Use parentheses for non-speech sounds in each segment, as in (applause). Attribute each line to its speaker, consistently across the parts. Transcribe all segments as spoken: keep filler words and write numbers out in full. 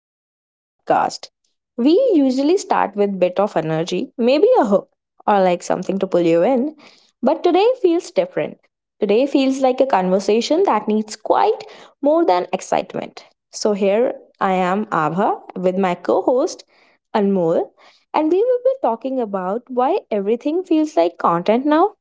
Speaker 1: back to the podcast. We usually start with bit of energy, maybe a hook or like something to pull you in, but today feels different. Today feels like a conversation that needs quite more than excitement. So here I am Abha with my co-host Anmol, and we will be talking about why everything feels like content now.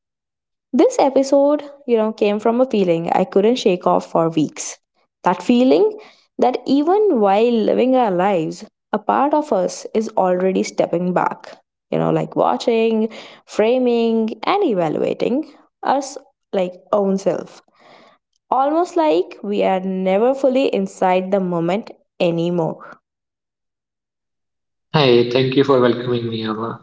Speaker 1: This episode, you know, came from a feeling I couldn't shake off for weeks. That feeling that even while living our lives, a part of us is already stepping back, you know, like watching, framing, and evaluating us, like own self. Almost like we are never fully inside the moment anymore.
Speaker 2: Hi, thank you for welcoming me, Ava.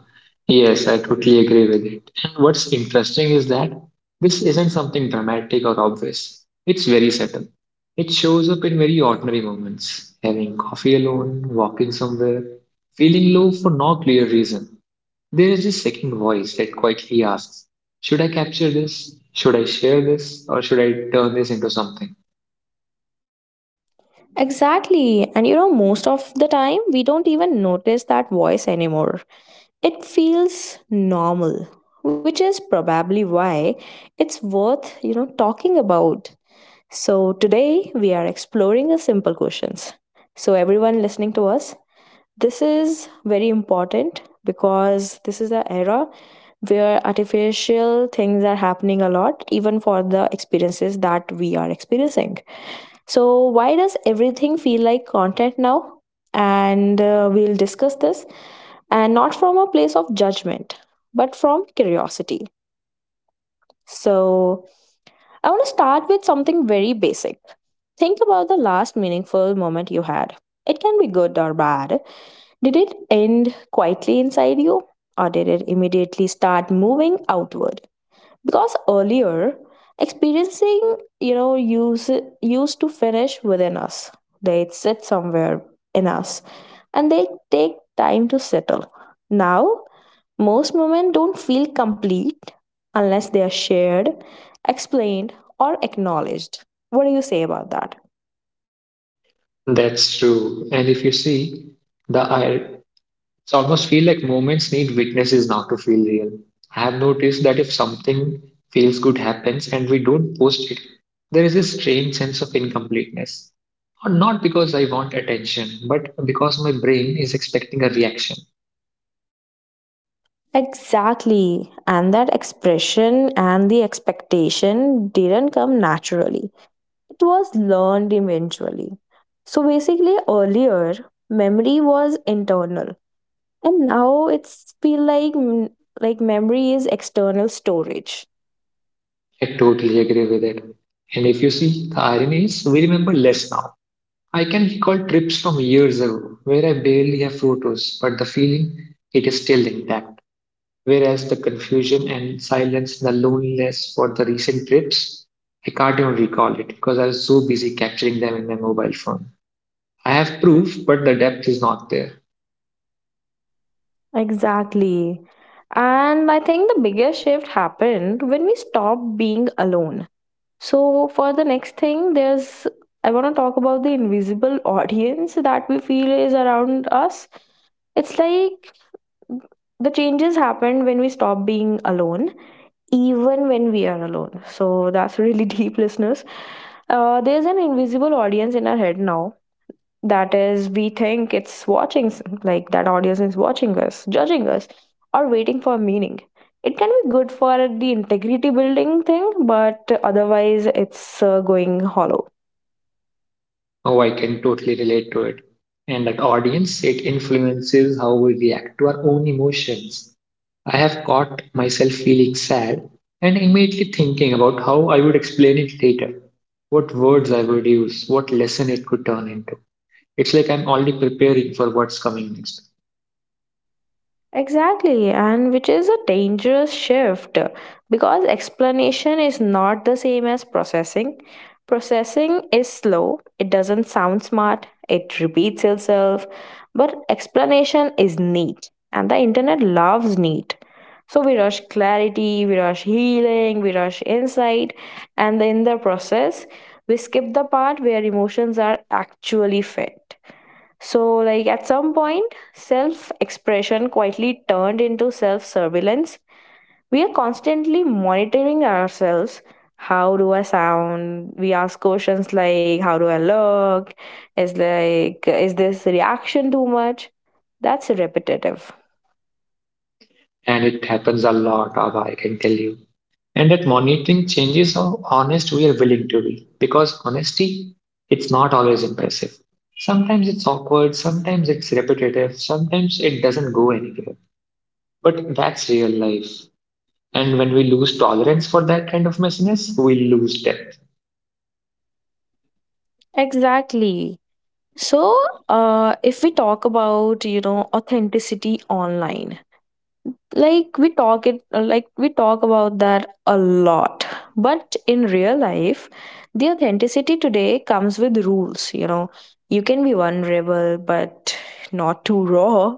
Speaker 2: Yes, I totally agree with it. And what's interesting is that this isn't something dramatic or obvious. It's very subtle. It shows up in very ordinary moments, having coffee alone, walking somewhere, feeling low for no clear reason. There is this second voice that quietly asks, should I capture this? Should I share this? Or should I turn this into something?
Speaker 1: Exactly. And you know, most of the time, we don't even notice that voice anymore. It feels normal, which is probably why it's worth you know talking about. So today we are exploring the simple questions. So everyone listening to us, this is very important because this is the era where artificial things are happening a lot, even for the experiences that we are experiencing. So, why does everything feel like content now? And uh, we'll discuss this, and not from a place of judgment, but from curiosity. So, I want to start with something very basic. Think about the last meaningful moment you had. It can be good or bad. Did it end quietly inside you, or did it immediately start moving outward? Because earlier, experiencing you know use used to finish within us. They'd sit somewhere in us, and they take time to settle. Now most moments don't feel complete unless they are shared, explained, or acknowledged. What do you say about that?
Speaker 2: That's true. And if you see, the ir- so I almost feel like moments need witnesses now to feel real. I have noticed that if something feels good happens and we don't post it, there is this strange sense of incompleteness. Or not because I want attention, but because my brain is expecting a reaction.
Speaker 1: Exactly. And that expression and the expectation didn't come naturally, it was learned eventually. So basically, earlier memory was internal, and now it's feel like mm, like memory is external storage.
Speaker 2: I totally agree with it. And if you see, the irony is we remember less now. I can recall trips from years ago where I barely have photos, but the feeling it is still intact. Whereas the confusion and silence, and the loneliness for the recent trips, I can't even recall it because I was so busy capturing them in my mobile phone. I have proof, but the depth is not there.
Speaker 1: Exactly. And I think the biggest shift happened when we stopped being alone. So, for the next thing, there's I want to talk about the invisible (laughs) audience that we feel is around us. It's like the changes happened when we stopped being alone, even when we are alone. So that's really (laughs) deep, listeners. Uh, there's an invisible audience in our head now. That is, we think it's watching, s- like that audience is watching us, judging us, or waiting for meaning. It can be good for the integrity building thing, but otherwise, it's uh, going hollow.
Speaker 2: Oh, I can totally relate to it. And that audience, it influences how we react to our own emotions. I have caught myself feeling sad and immediately thinking about how I would explain it later, what words I would use, what lesson it could turn into. It's like I'm already preparing for what's coming next.
Speaker 1: Exactly, and which is a dangerous shift because explanation is not the same as processing. Processing is slow, it doesn't sound smart, it repeats itself, but explanation is neat, and the internet loves neat. So we rush clarity, we rush healing, we rush insight, and in the process, we skip the part where emotions are actually felt. So, like at some point, self expression quietly turned into self surveillance. We are constantly monitoring ourselves. How do I sound? We ask questions like, how do I look? Is like, is this reaction too much? That's repetitive.
Speaker 2: And it happens a lot, Abha, I can tell you. And that monitoring changes how honest we are willing to be, because honesty, it's not always impressive. Sometimes it's awkward, sometimes it's repetitive, sometimes it doesn't go anywhere. But that's real life. And when we lose tolerance for that kind of messiness, we lose depth.
Speaker 1: Exactly. So, uh, if we talk about, you know, authenticity online, like we talk it like we talk about that a lot, but in real life, the authenticity today comes with rules. You know, you can be vulnerable but not too raw,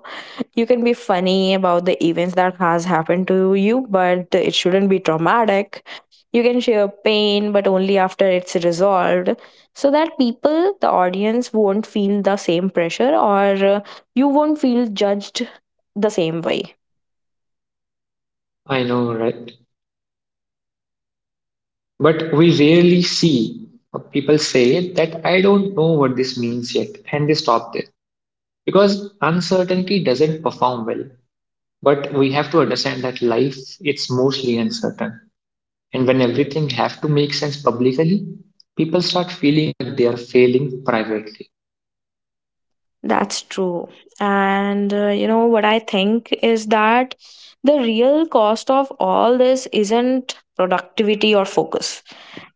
Speaker 1: you can be funny about the events that has happened to you but it shouldn't be traumatic, you can share pain but only after it's resolved, so that people, the audience, won't feel the same pressure, or uh, you won't feel judged the same way.
Speaker 2: I know, right? But we rarely see people say that I don't know what this means yet, and they stop there. Because uncertainty doesn't perform well. But we have to understand that life, it's mostly uncertain. And when everything have to make sense publicly, people start feeling that they are failing privately.
Speaker 1: That's true. And uh, you know what I think is that the real cost of all this isn't productivity or focus.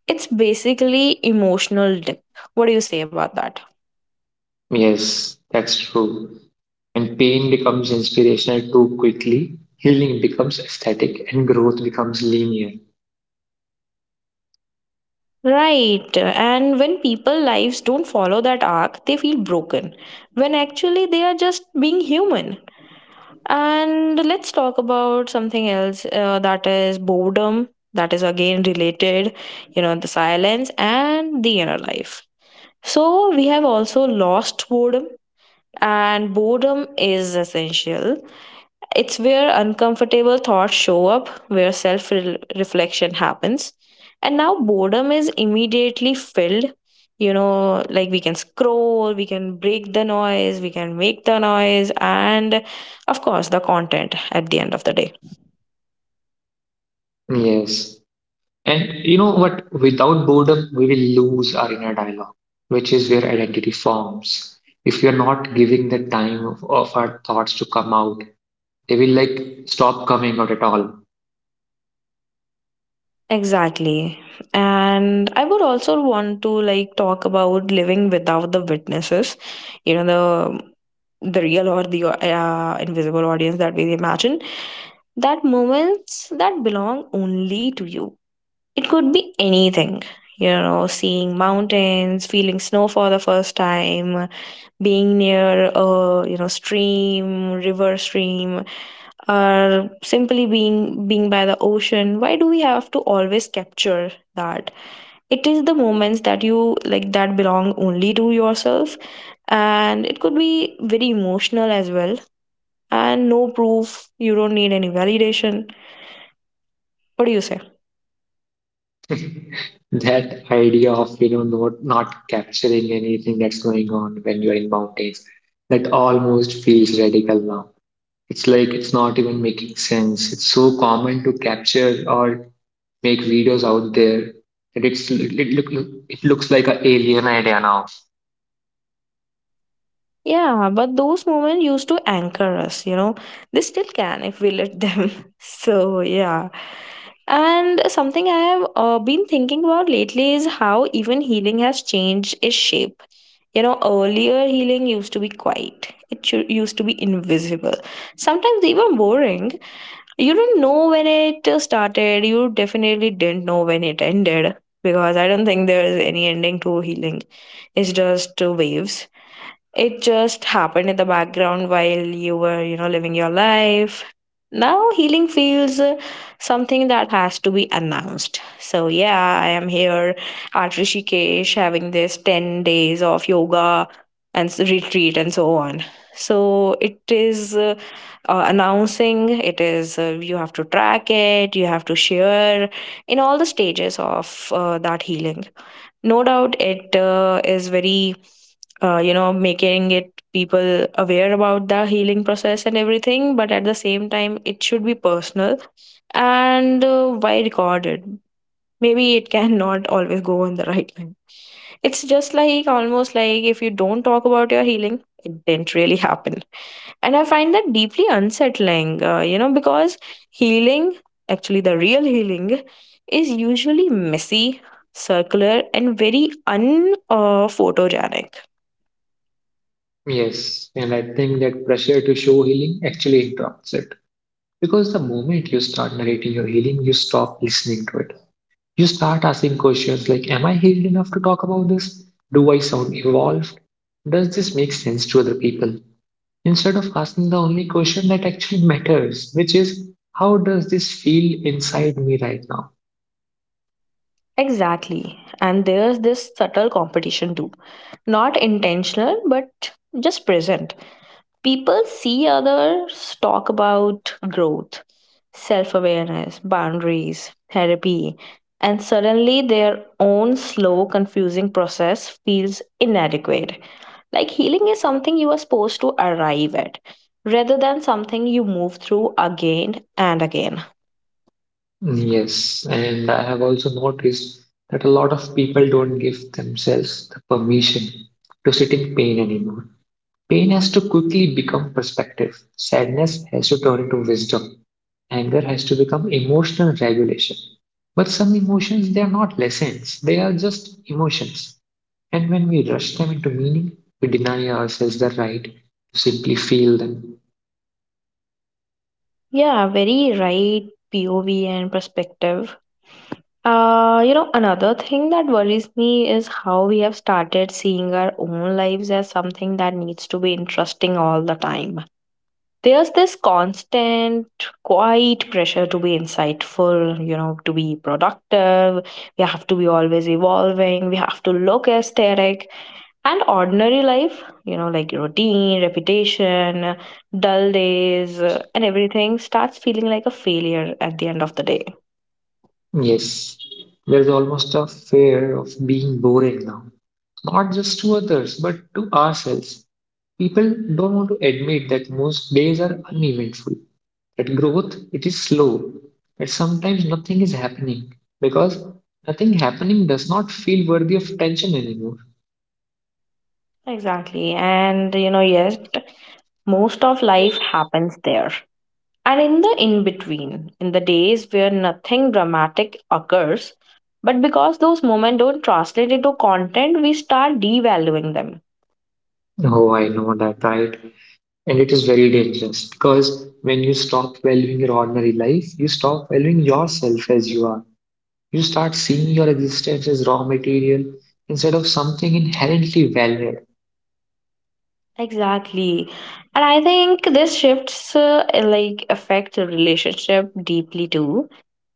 Speaker 1: It's basically emotional dip. What do you say about that?
Speaker 2: Yes, that's true. And pain becomes inspirational too quickly, healing becomes aesthetic, and growth becomes linear.
Speaker 1: Right. And when people lives don't follow that arc, they feel broken, when actually they are just being human. And let's talk about something else, uh, that is boredom, that is again related, you know, the silence and the inner life. So we have also lost boredom, and boredom is essential. It's where uncomfortable thoughts show up, where self reflection happens. And now boredom is immediately filled. You know, like we can scroll, we can break the noise, we can make the noise, and of course, the content at the end of the day.
Speaker 2: Yes. And you know what? Without boredom, we will lose our inner dialogue, which is where identity forms. If we are not giving the time of, of our thoughts to come out, they will like stop coming out at all.
Speaker 1: Exactly. And I would also want to like talk about living without the witnesses, you know, the the real or the uh, invisible audience that we imagine. That moments that belong only to you. It could be anything, you know, seeing mountains, feeling snow for the first time, being near a you know stream river stream, or simply being being by the ocean. Why do we have to always capture that? It is the moments that you like that belong only to yourself, and it could be very emotional as well. And no proof, you don't need any validation. What do you say?
Speaker 2: That idea of you know not not capturing anything that's going on when you're in mountains, that almost feels radical now. It's like it's not even making sense. It's so common to capture or make videos out there that it's it look it looks like an alien idea now.
Speaker 1: Yeah, but those moments used to anchor us, you know. They still can if we let them. (laughs) So, yeah. And something I have uh, been thinking about lately is how even healing has changed its shape. You know, earlier healing used to be quiet, it chu- used to be invisible, sometimes even boring. You didn't know when it uh, started, you definitely didn't know when it ended, because I don't think there is any ending to healing, it's just uh, waves, it just happened in the background while you were, you know, living your life. Now healing feels uh, something that has to be announced. So yeah, I am here at Rishikesh having this ten days of yoga and s- retreat and so on. So it is uh, uh, announcing, it is, uh, you have to track it, you have to share in all the stages of uh, that healing. No doubt it uh, is very uh, you know making it people aware about the healing process and everything, but at the same time it should be personal. And uh, why recorded? Maybe it cannot (laughs) always go in the right line. It's just like, almost like if you don't talk about your healing, it didn't really happen. And I find that deeply unsettling, uh, you know, because healing, actually, the real healing, is usually messy, circular, and very un uh, photogenic.
Speaker 2: Yes, and I think that pressure to show healing actually interrupts it, because the moment you start narrating your healing, you stop listening to it. You start asking questions like, am I healed enough to talk about this? Do I sound evolved? Does this make sense to other people? Instead of asking the only question that actually matters, which is, how does this feel inside me right now?
Speaker 1: Exactly. And there's this subtle competition too. Not intentional, but just present. People see others talk about growth, self awareness, boundaries, therapy, and suddenly their own slow, confusing process feels inadequate. Like healing is something you are supposed to arrive at rather than something you move through again and again.
Speaker 2: Yes, and I have also noticed that a lot of people don't give themselves the permission to sit in pain anymore. Pain has to quickly become perspective, sadness has to turn into wisdom, anger has to become emotional regulation. But some emotions, they are not lessons, they are just emotions. And when we rush them into meaning, we deny ourselves the right to simply feel them.
Speaker 1: Yeah, very right. P O V and perspective. Uh, you know, another thing that worries me is how we have started seeing our own lives as something that needs to be interesting all the time. There's this constant, quiet pressure to be insightful, you know, to be productive. We have to be always evolving. We have to look aesthetic. And ordinary life, you know, like routine, repetition, dull days, uh, and everything starts feeling like a failure at the end of the day.
Speaker 2: Yes, there's almost a fear of being boring now, not just to others, but to ourselves. People don't want to admit that most days are uneventful. At growth, it is slow, and sometimes nothing is happening, because nothing happening does not feel worthy of attention anymore.
Speaker 1: Exactly. And you know, yes, most of life happens there. And in the in between, in the days where nothing dramatic occurs, but because those moments don't translate into content, we start devaluing them.
Speaker 2: Oh, I know that, right? And it is very dangerous, because when you stop valuing your ordinary life, you stop valuing yourself as you are. You start seeing your existence as raw material instead of something inherently valuable.
Speaker 1: Exactly. And I think this shifts uh, like affect a relationship deeply too.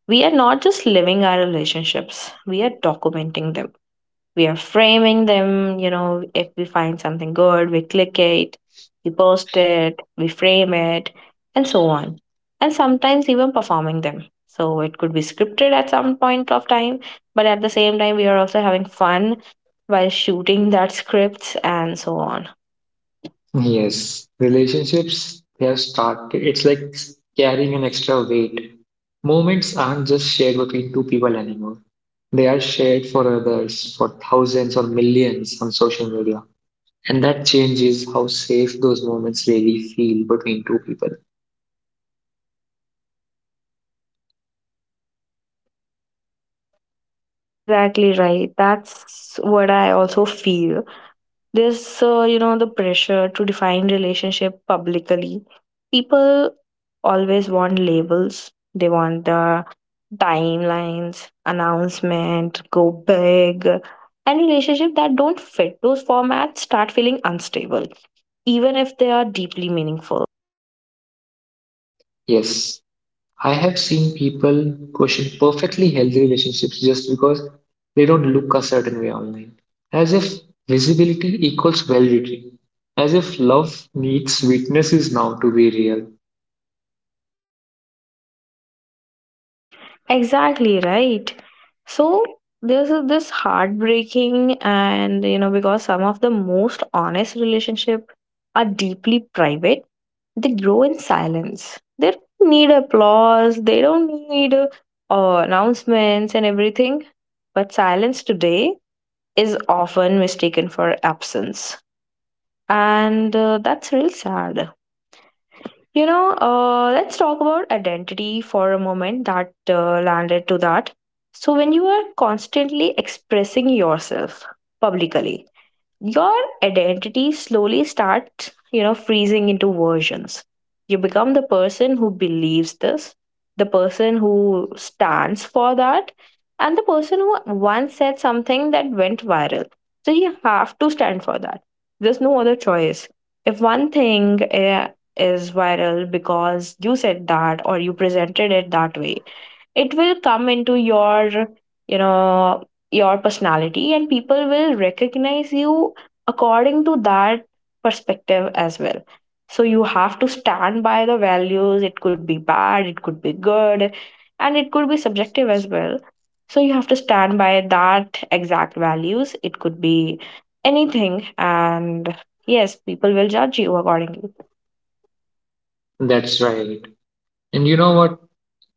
Speaker 1: We are not just living our relationships, we are documenting them. We are framing them. You know, if we find something good we click it, we post it, we frame it, and so on. And sometimes even performing them, so it could be scripted at some point of time, but at the same time we are also having fun while shooting that scripts and so on.
Speaker 2: Yes, relationships they have started. It's like carrying an extra weight. Moments aren't just shared between two people anymore. They are shared for others, for thousands or millions on social media. And that changes how safe those moments really feel between two people.
Speaker 1: Exactly right. That's what I also feel. This, uh, you know, the pressure to define relationship publicly. People always want labels. They want the timelines, announcement, go big, and relationship that don't fit those formats start feeling unstable, even if they are deeply meaningful.
Speaker 2: Yes. I have seen people question perfectly healthy relationships just because they don't look a certain way online, as if visibility equals validity, as if love needs witnesses now to be real.
Speaker 1: Exactly right. So there's a- this heartbreaking, and you know, because some of the most honest relationship are deeply private, they grow in silence. They don't need applause, they don't need uh, uh, announcements and everything. But silence today is often mistaken for absence. And uh, that's real sad. You know, uh, let's talk about identity for a moment, that uh, landed to that. So, when you are constantly expressing yourself publicly, your identity slowly starts you know freezing into versions. You become the person who believes this, the person who stands for that, and the person who once said something that went viral, so you have to stand for that. There's no other choice. If one thing eh, is viral because you said that or you presented it that way, it will come into your, you know your personality, and people will recognize you according to that perspective as well. So you have to stand by the values. It could be bad, it could be good, and it could be subjective as well. So you have to stand by that exact values. It could be anything, and yes, people will judge you accordingly.
Speaker 2: That's right. And you know what?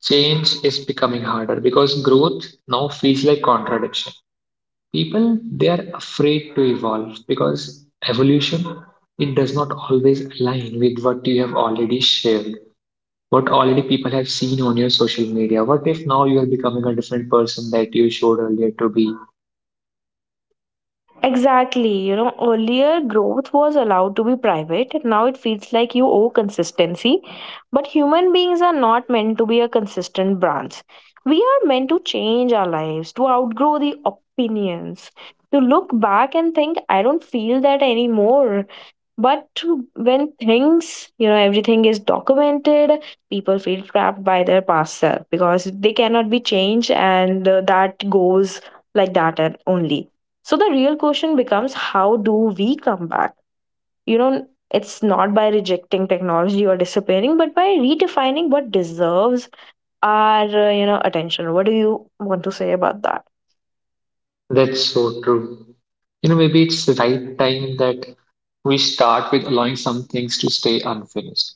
Speaker 2: Change is becoming harder because growth now feels like contradiction. People they are afraid to evolve because evolution, it does not always align with what you have already shared, what already people have seen on your social media. What if now you are becoming a different person that you showed earlier to be?
Speaker 1: Exactly. You know, earlier growth was allowed to be private. Now it feels like you owe consistency. But human beings are not meant to be a consistent branch. We are meant to change our lives, to outgrow the opinions, to look back and think, I don't feel that anymore. But to- when things, you know, everything is documented, people feel trapped by their past self because they cannot be changed, and uh, that goes like that and only. So the real question becomes, how do we come back? You know, it's not by rejecting technology or disappearing, but by redefining what deserves our, uh, you know, attention. What do you want to say about that?
Speaker 2: That's so true. You know, maybe it's the right time that we start with allowing some things to stay unfinished.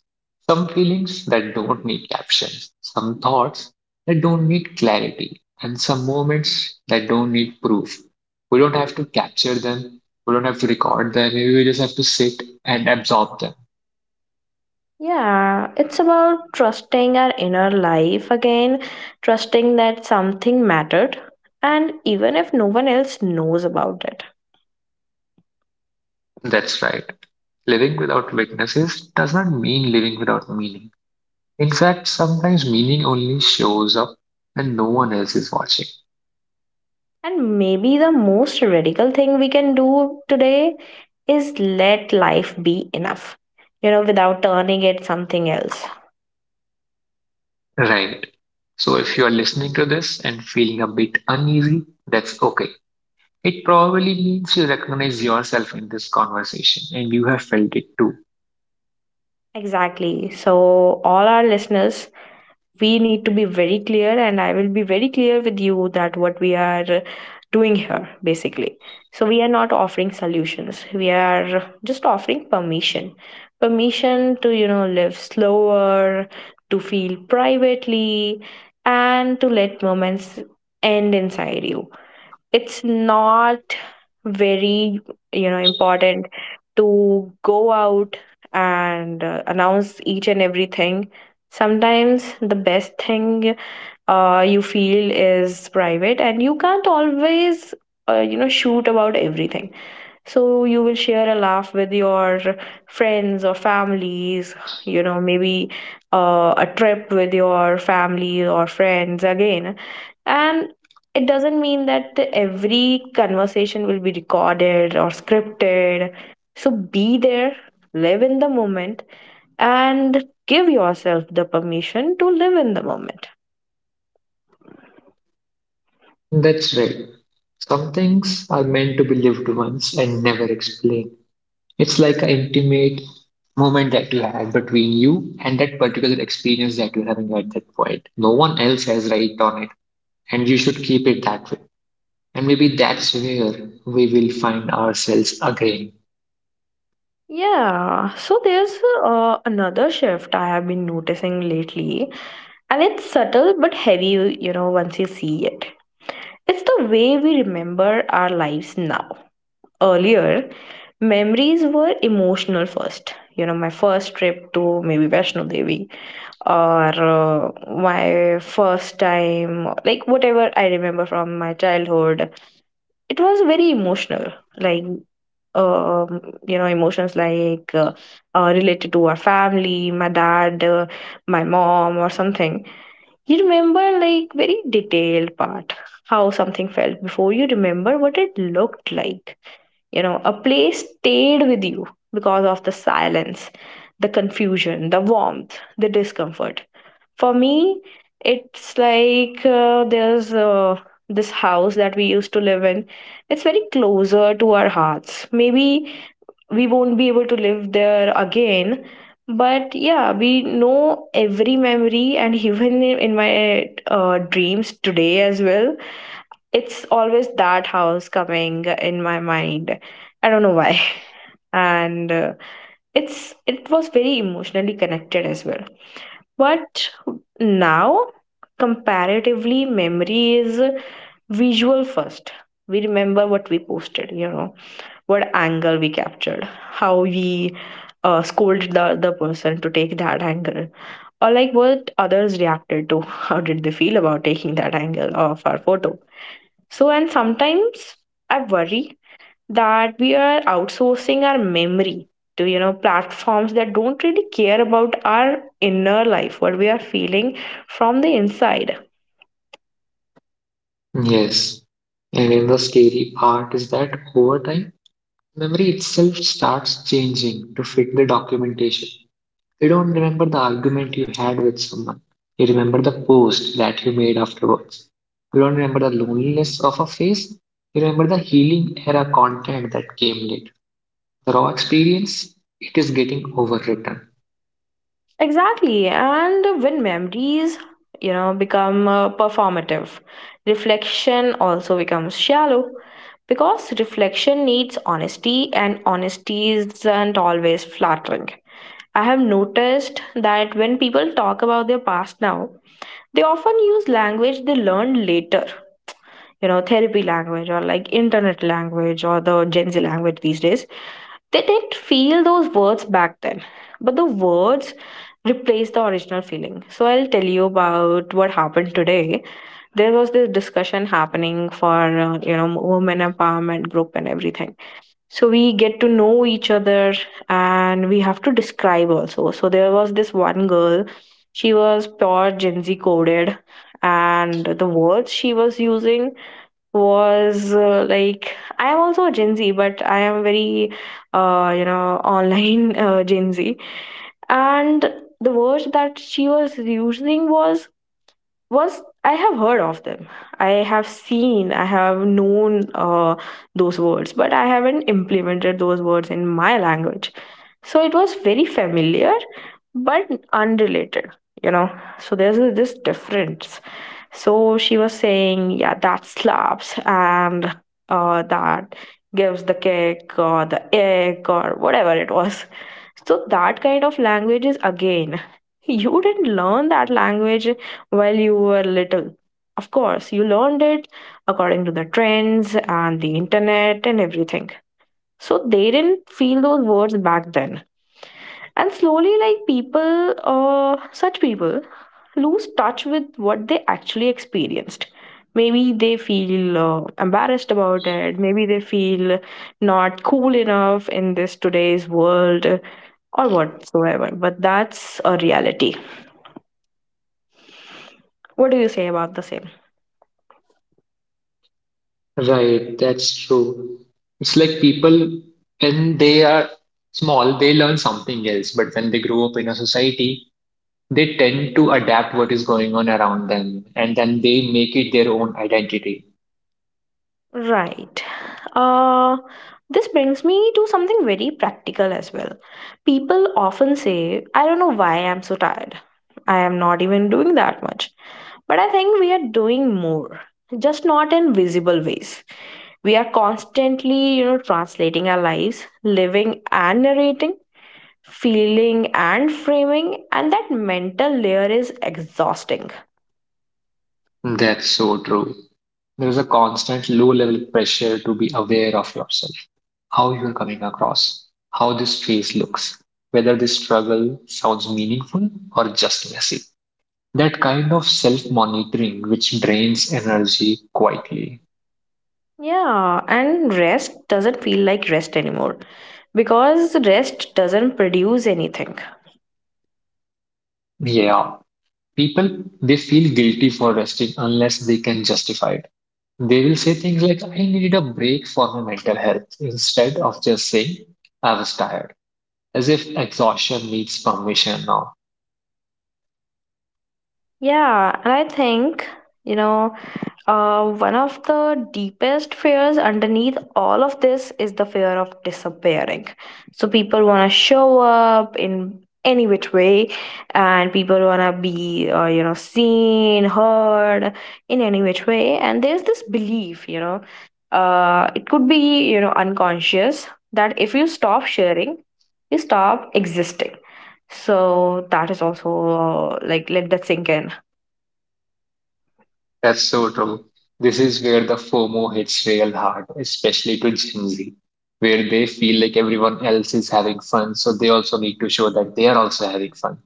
Speaker 2: Some feelings that don't need captions, some thoughts that don't need clarity, and some moments that don't need proof. We don't have to capture them, we don't have to record them, maybe we just have to sit and absorb them.
Speaker 1: Yeah, it's about trusting our inner life again, trusting that something mattered, and even if no one else knows about it.
Speaker 2: That's right. Living without weaknesses does not mean living without meaning. In fact, sometimes meaning only shows up when no one else is watching.
Speaker 1: And maybe the most radical thing we can do today is let life be enough, you know, without turning it something else.
Speaker 2: Right. So if you are listening to this and feeling a bit uneasy, that's okay. It probably means you recognize yourself in this conversation and you have felt it too.
Speaker 1: Exactly. So, all our listeners, we need to be very clear, and I will be very clear with you that what we are doing here basically. So, we are not offering solutions, we are just offering permission. Permission to, you know, live slower, to feel privately, and to let moments end inside you. It's not very, you know, important to go out and uh, announce each and everything. Sometimes the best thing uh, you feel is private, and you can't always, uh, you know, shoot about everything. So you will share a laugh with your friends or families, you know, maybe uh, a trip with your family or friends again. And it doesn't mean that every conversation will be recorded or scripted. So be there, live in the moment, and give yourself the permission to live in the moment.
Speaker 2: That's right. Some things are meant to be lived once and never explained. It's like an intimate moment that you had between you and that particular experience that you're having at that point. No one else has right on it, and you should keep it that way. And maybe that's where we will find ourselves again.
Speaker 1: Yeah, so there's uh, another shift I have been noticing lately, and it's subtle but heavy, you know, once you see it. It's the way we remember our lives now. Earlier, memories were emotional first. You know, my first trip to maybe Vaishno Devi or uh, my first time, like whatever I remember from my childhood, it was very emotional. Like um, you know, emotions like uh, uh, related to our family, my dad, uh, my mom or something. You remember like very detailed part, how something felt before you remember what it looked like. You know, a place stayed with you because of the silence, the confusion, the warmth, the discomfort. For me, it's like uh, there's uh, this house that we used to live in. It's very closer to our hearts. Maybe we won't be able to live there again, but yeah, we know every memory, and even in in my uh, dreams today as well, it's always that house coming in my mind. I don't know why. (laughs) And uh, it's, it was very emotionally connected as well. But now, comparatively, memory is visual first. We remember what we posted, you know, what angle we captured, how we uh, scolded the other person to take that angle, or like what others reacted to, (laughs) how did they feel about taking that angle of our photo. So, and sometimes I worry that we are outsourcing our memory to, you know, platforms that don't really care about our inner life, what we are feeling from the inside.
Speaker 2: Yes. And then the scary part is that over time, memory itself starts changing to fit the documentation. You don't remember the argument you had with someone. You remember the post that you made afterwards. You don't remember the loneliness of a phase. You remember the healing era content that came later. The raw experience, it is getting overwritten.
Speaker 1: Exactly. And when memories, you know, become uh, performative, reflection also becomes shallow, because reflection needs honesty, and honesty isn't always flattering. I have noticed that when people talk about their past now, they often use language they learned later, you know, therapy language or like internet language or the Gen Z language these days. They didn't feel those words back then, but the words replaced the original feeling. So I'll tell you about what happened today. There was this discussion happening for, uh, you know, women empowerment group and everything. So we get to know each other and we have to describe also. So there was this one girl, she was pure Gen Z coded, and the words she was using was uh, like, I am also a Gen Z, but I am very uh, you know, online (laughs) uh, Gen Z. And the words that she was using was, was I have heard of them, I have seen, I have known, uh, those words, but I haven't implemented those words in my language. So it was very familiar but unrelated, you know. So there's a, this difference. So she was saying, yeah, that slaps, and uh, that gives the kick or the egg or whatever it was. So that kind of language is, again, you didn't learn that language while you were little. Of course, you learned it according to the trends and the internet and everything. So they didn't feel those words back then. And slowly, like people, uh, such people lose touch with what they actually experienced. Maybe they feel uh, embarrassed about it. Maybe they feel not cool enough in this today's world or whatsoever. But that's a reality. What do you say about the same?
Speaker 2: Right, that's true. It's like people, when they are small, they learn something else. But when they grow up in a society, they tend to adapt what is going on around them and then they make it their own identity.
Speaker 1: Right. Uh, this brings me to something very practical as well. People often say, I don't know why I'm so tired. I am not even doing that much. But I think we are doing more, just not in visible ways. We are constantly, you know, translating our lives, living and narrating, feeling and framing, and that mental layer is exhausting.
Speaker 2: That's so true. There is a constant low level pressure to be aware of yourself, how you're coming across, how this face looks, whether this struggle sounds meaningful or just messy. That kind of self monitoring which drains energy quietly.
Speaker 1: Yeah, and rest doesn't feel like rest anymore because rest doesn't produce anything.
Speaker 2: Yeah, people they feel guilty for resting unless they can justify it. They will say things like, I need a break for my mental health, instead of just saying, I was tired, as if exhaustion needs permission now.
Speaker 1: Yeah, and I think, you know, Uh, one of the deepest fears underneath all of this is the fear of disappearing. So people want to show up in any which way, and people want to be, uh, you know, seen, heard in any which way. And there's this belief, you know, uh, it could be, you know, unconscious, that if you stop sharing, you stop existing. So that is also uh, like, let that sink in.
Speaker 2: That's so true. This is where the FOMO hits real hard, especially to Gen Z, where they feel like everyone else is having fun, so they also need to show that they are also having fun.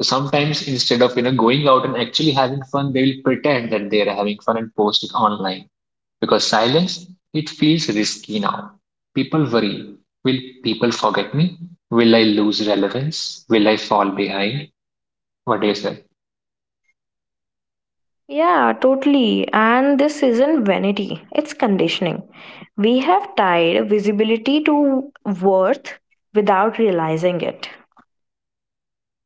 Speaker 2: So sometimes instead of you know going out and actually having fun, they will pretend that they are having fun and post it online. Because silence, it feels risky now. People worry. Will people forget me? Will I lose relevance? Will I fall behind? What do you say?
Speaker 1: Yeah, totally. And this isn't vanity, it's conditioning. We have tied visibility to worth without realizing it.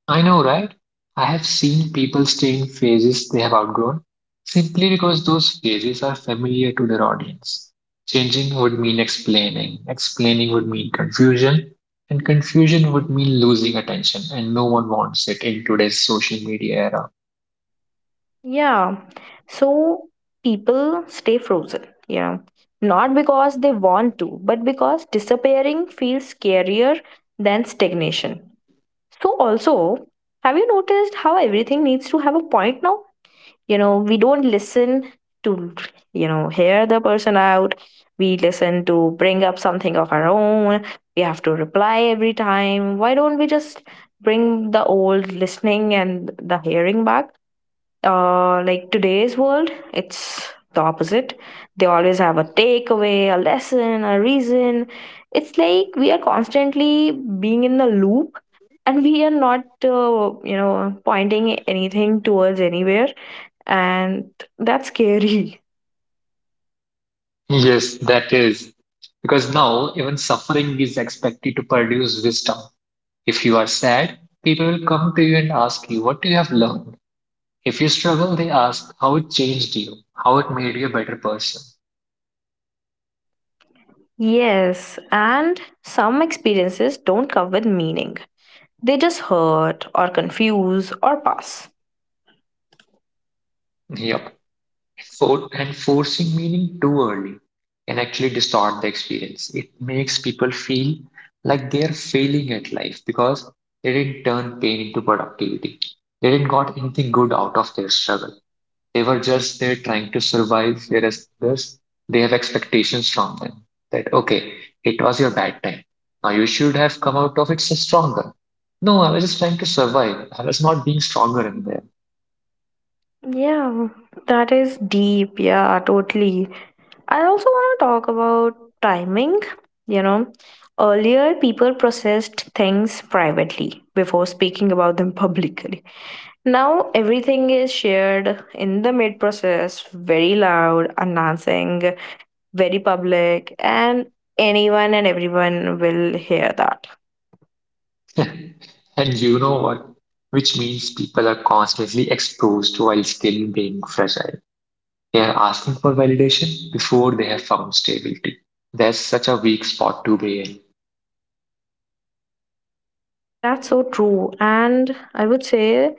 Speaker 2: I know, right? I have seen people stay in phases they have outgrown simply because those phases are familiar to their audience. Changing would mean explaining, explaining would mean confusion, and confusion would mean losing attention, and no one wants it in today's social media era.
Speaker 1: Yeah, so people stay frozen. Yeah, not because they want to, but because disappearing feels scarier than stagnation. So, also, have you noticed how everything needs to have a point now? You know, we don't listen to, you know, hear the person out. We listen to bring up something of our own. We have to reply every time. Why don't we just bring the old listening and the hearing back? Uh, like today's world, it's the opposite. They always have a takeaway, a lesson, a reason. It's like we are constantly being in the loop, and we are not, uh, you know, pointing anything towards anywhere. And that's scary.
Speaker 2: Yes, that is. Because now, even suffering is expected to produce wisdom. If you are sad, people will come to you and ask you, what do you have learned? If you struggle, they ask how it changed you, how it made you a better person.
Speaker 1: Yes, and some experiences don't come with meaning. They just hurt or confuse or pass.
Speaker 2: Yep. For, and forcing meaning too early can actually distort the experience. It makes people feel like they are failing at life because they didn't turn pain into productivity. They didn't got anything good out of their struggle. They were just there trying to survive, whereas others, they have expectations from them that, okay, it was your bad time. Now you should have come out of it s- stronger. No, I was just trying to survive. I was not being stronger in there.
Speaker 1: Yeah, that is deep. Yeah, totally. I also want to talk about timing. You know, earlier people processed things privately before speaking about them (laughs) publicly. Now everything is shared in the mid process, very loud, announcing, very public, and anyone and everyone will hear that.
Speaker 2: (laughs) And you know what? Which means people are constantly exposed while still being fragile. They are asking for validation before they have found stability. That's such a weak spot to be in.
Speaker 1: That's so true. And I would say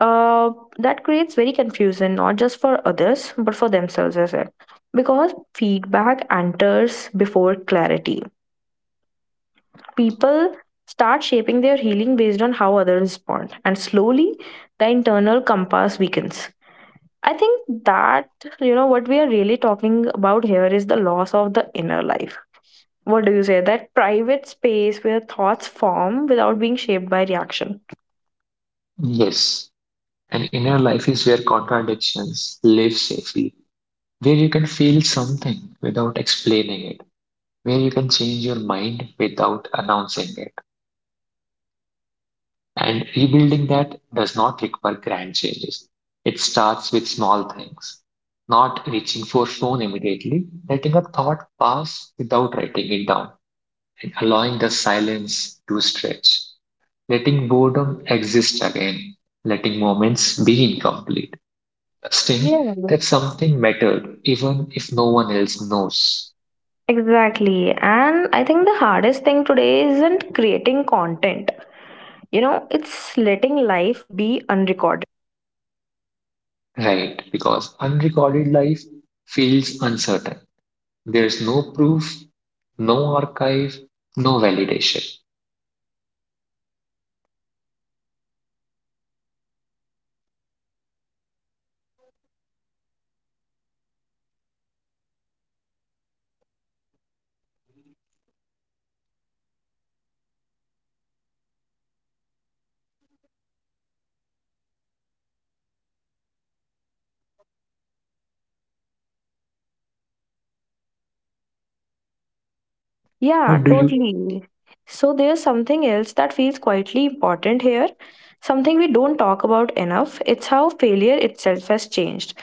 Speaker 1: uh, that creates very confusion, not just for others, but for themselves as well. Because feedback enters before clarity. People start shaping their healing based on how others respond. And slowly, the internal compass weakens. I think that, you know, what we are really talking about here is the loss of the inner life. What do you say? That private space where thoughts form without being shaped by reaction.
Speaker 2: Yes, an inner life is where contradictions live safely, where you can feel something without explaining it, where you can change your mind without announcing it. And rebuilding that does not require grand changes. It starts with small things, not reaching for phone immediately, letting a thought pass without writing it down, and allowing the silence to stretch, letting boredom exist again, letting moments be incomplete,
Speaker 1: Yeah,
Speaker 2: trusting that something mattered even if no one else knows.
Speaker 1: exactly. And I think the hardest thing today isn't creating content, you know, it's letting life be unrecorded.
Speaker 2: Right, because unrecorded life feels uncertain. There's no proof, no archive, no validation.
Speaker 1: Yeah,
Speaker 2: What do you?
Speaker 1: totally. So there's something else that feels quietly important here, something we don't talk about enough. It's how failure itself has changed.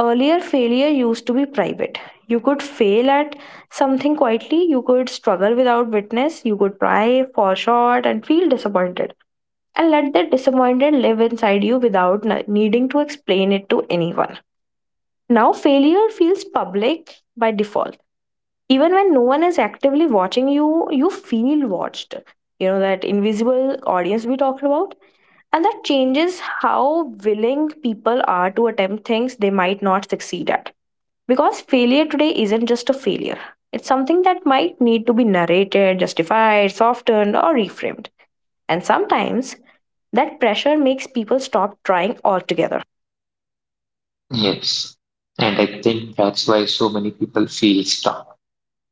Speaker 1: Earlier, failure used to be private. You could fail at something quietly, you could struggle without witness, you could try, fall short, and feel disappointed. And let that disappointment live inside you without n- needing to explain it to anyone. Now, failure feels public by default. Even when no one is actively watching you, you feel watched. You know, that invisible audience we talked about. And that changes how willing people are to attempt things they might not succeed at, because failure today isn't just a failure, it's something that might need to be narrated, justified, softened, or reframed. And sometimes that pressure makes people stop trying altogether.
Speaker 2: Yes. And I think that's why so many people feel stuck.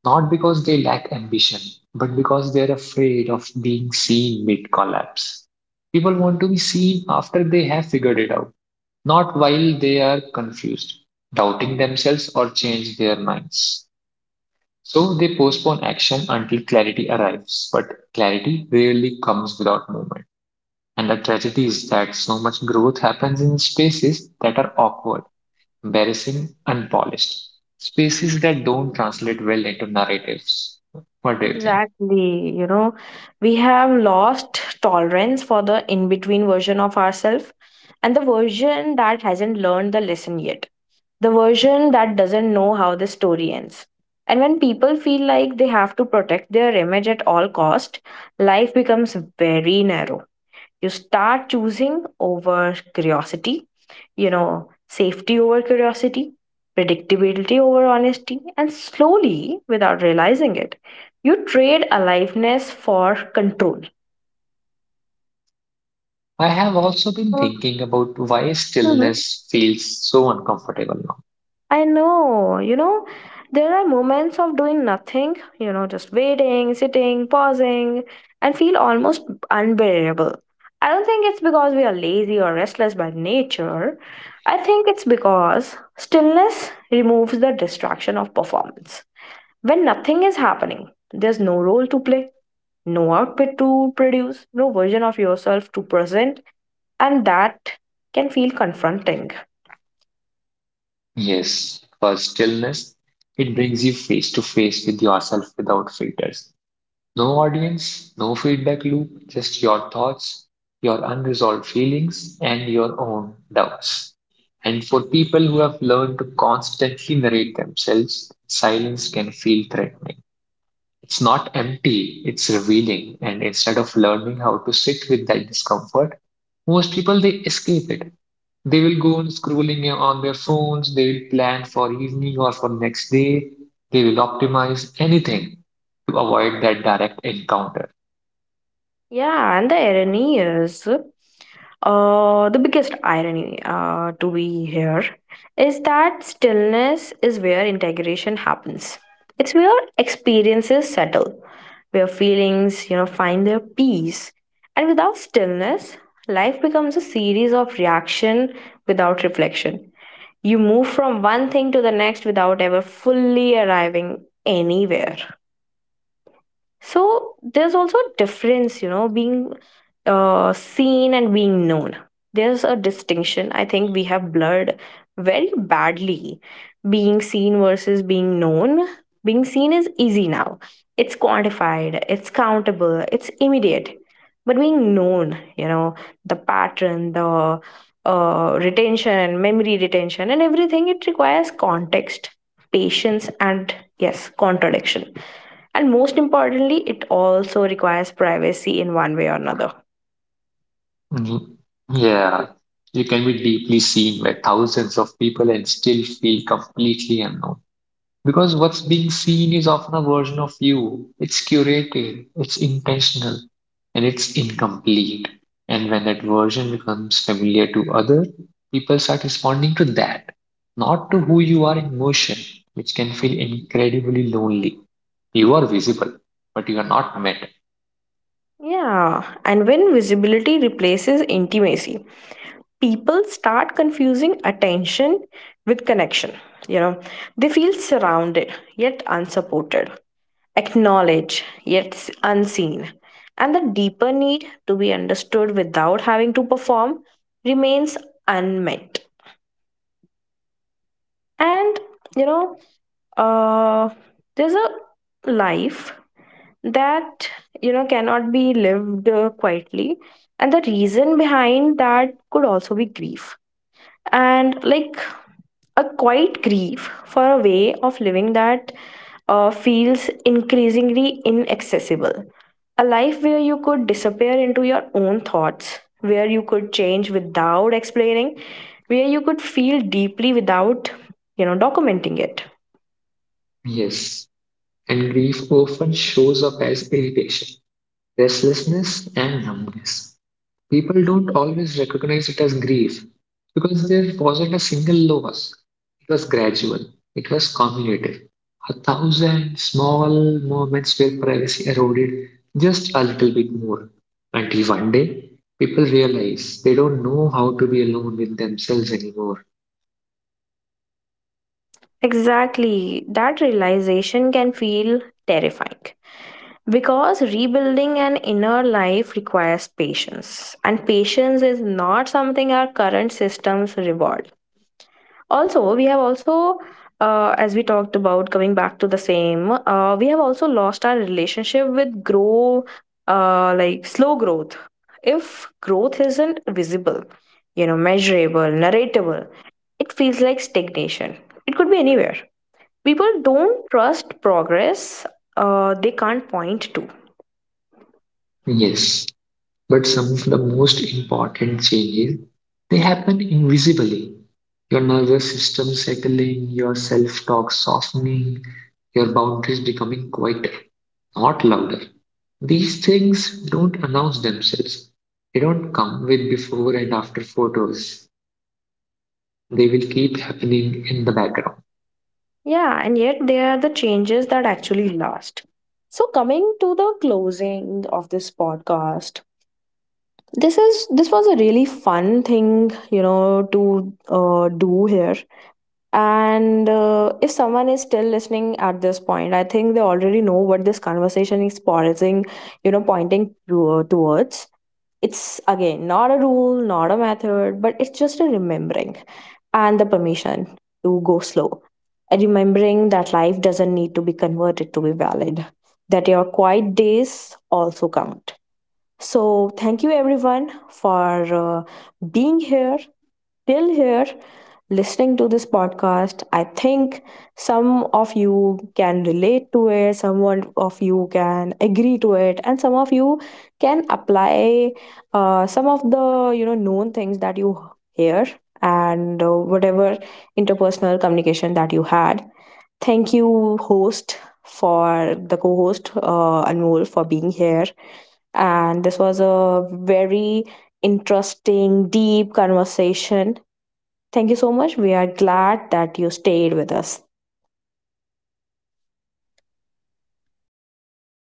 Speaker 2: Not because they lack ambition, but because they're afraid of being seen mid collapse. People want to be seen after they have figured it out, not while they are confused, doubting themselves, or change their minds. So they postpone action until clarity arrives, but clarity rarely comes without movement. And the tragedy is that so much growth happens in spaces that are awkward, embarrassing, unpolished. Spaces that don't translate well into narratives. What do you think?
Speaker 1: Exactly. You know, we have lost tolerance for the in between version of ourselves, and the version that hasn't learned the lesson yet, the version that doesn't know how the story ends. And when people feel like they have to protect their image at all cost, life becomes very narrow. You start choosing over curiosity, you know, safety over curiosity, predictability over honesty, and slowly, without realizing it, you trade aliveness for control.
Speaker 2: I have also been
Speaker 1: Uh,
Speaker 2: thinking about why
Speaker 1: mhm.
Speaker 2: stillness feels so uncomfortable now.
Speaker 1: I know, you know, there are moments of doing nothing, you know, just waiting, sitting, pausing, and feel almost unbearable. I don't think it's because we are lazy or restless by nature. I think it's because stillness removes the distraction of performance. When nothing is happening, there's no role to play, no output to produce, no version of yourself to present, and that can feel confronting.
Speaker 2: Yes, for stillness, it brings you face to face with yourself without filters. No audience, no feedback loop, just your thoughts, your unresolved feelings, and your own doubts. And for people who have learned to constantly narrate themselves, silence can feel threatening. It's not empty, it's revealing. And instead of learning how to sit with that discomfort, most people they escape it. They will go on scrolling on their phones, they will plan for evening or for next day, they will optimize anything to avoid that direct encounter.
Speaker 1: Yeah, and the irony is, uh, the biggest irony uh, to be here is that stillness is where integration happens. It's where experiences settle, where feelings, you know, find their peace. And without stillness, life becomes a series of reaction without reflection. You move from one thing to the next without ever fully arriving anywhere. So there's also a difference, you know, being uh, seen and being known. There's a distinction I think we have blurred very badly. Being seen versus being known. Being seen is easy now, it's quantified, it's countable, it's immediate. But being known, you know, the pattern, the uh, retention, memory retention, and everything, it requires context, patience, and yes, contradiction, and most importantly, it also requires privacy in one way or another.
Speaker 2: Mhm. Yeah, you can be deeply seen by thousands of people and still feel completely unknown. Because what's being seen is often a version of you. It's curated, it's intentional, and it's incomplete. And when that version becomes familiar to others, people start responding to that, not to who you are in motion, which can feel incredibly lonely. You are visible, but you are not met.
Speaker 1: Yeah, and when visibility replaces intimacy, people start confusing attention with connection. You know, they feel surrounded yet unsupported, acknowledged yet s- unseen, and the deeper need to be understood without having to perform remains unmet. And you know, uh, there's a life that you know cannot be lived uh, quietly, and the reason behind that could also be grief, and like a quiet grief for a way of living that uh, feels increasingly inaccessible. A life where you could disappear into your own thoughts, where you could change without explaining, where you could feel deeply without, you know, documenting it.
Speaker 2: Yes, and grief often shows up as irritation, restlessness, and numbness. People don't always recognize it as grief because there wasn't a single loss. It was gradual, it was cumulative. A thousand small moments where privacy eroded just a little bit more until one day people realize they don't know how to be alone with themselves anymore.
Speaker 1: Exactly, that realization can feel terrifying because rebuilding an inner life requires patience, and patience is not something our current systems reward. Also, we have also, uh, as we talked about, coming back to the same, uh, we have also lost our relationship with grow, uh, like slow growth. If growth isn't visible, you know, measurable, narratable, it feels like stagnation. It could be anywhere. People don't trust progress uh, they can't point to.
Speaker 2: Yes, but some of the most important changes they happen invisibly. Your nervous system settling, your self talk softening, your boundaries becoming quieter, not louder. These things don't announce themselves. They don't come with before and after photos. They will keep happening in the background.
Speaker 1: Yeah, and yet they are the changes that actually last. So coming to the closing of this podcast, this is this was a really fun thing, you know, to uh, do here. And uh, if someone is still listening at this point, I think they already know what this conversation is pausing, you know, pointing to, uh, towards. It's again not a rule, not a method, but it's just a remembering, and the permission to go slow. A remembering that life doesn't need to be converted to be valid, that your quiet days also count. So, thank you everyone for uh, being here till here listening to this podcast. I think some of you can relate to it, someone of you can agree to it, and some of you can apply uh, some of the you know known things that you hear, and uh, whatever interpersonal communication that you had. Thank you, host, for the co host, uh, Anmol, for being here. And this was a very interesting, deep conversation. Thank you so much. We are glad that you stayed with us.
Speaker 2: Thank you.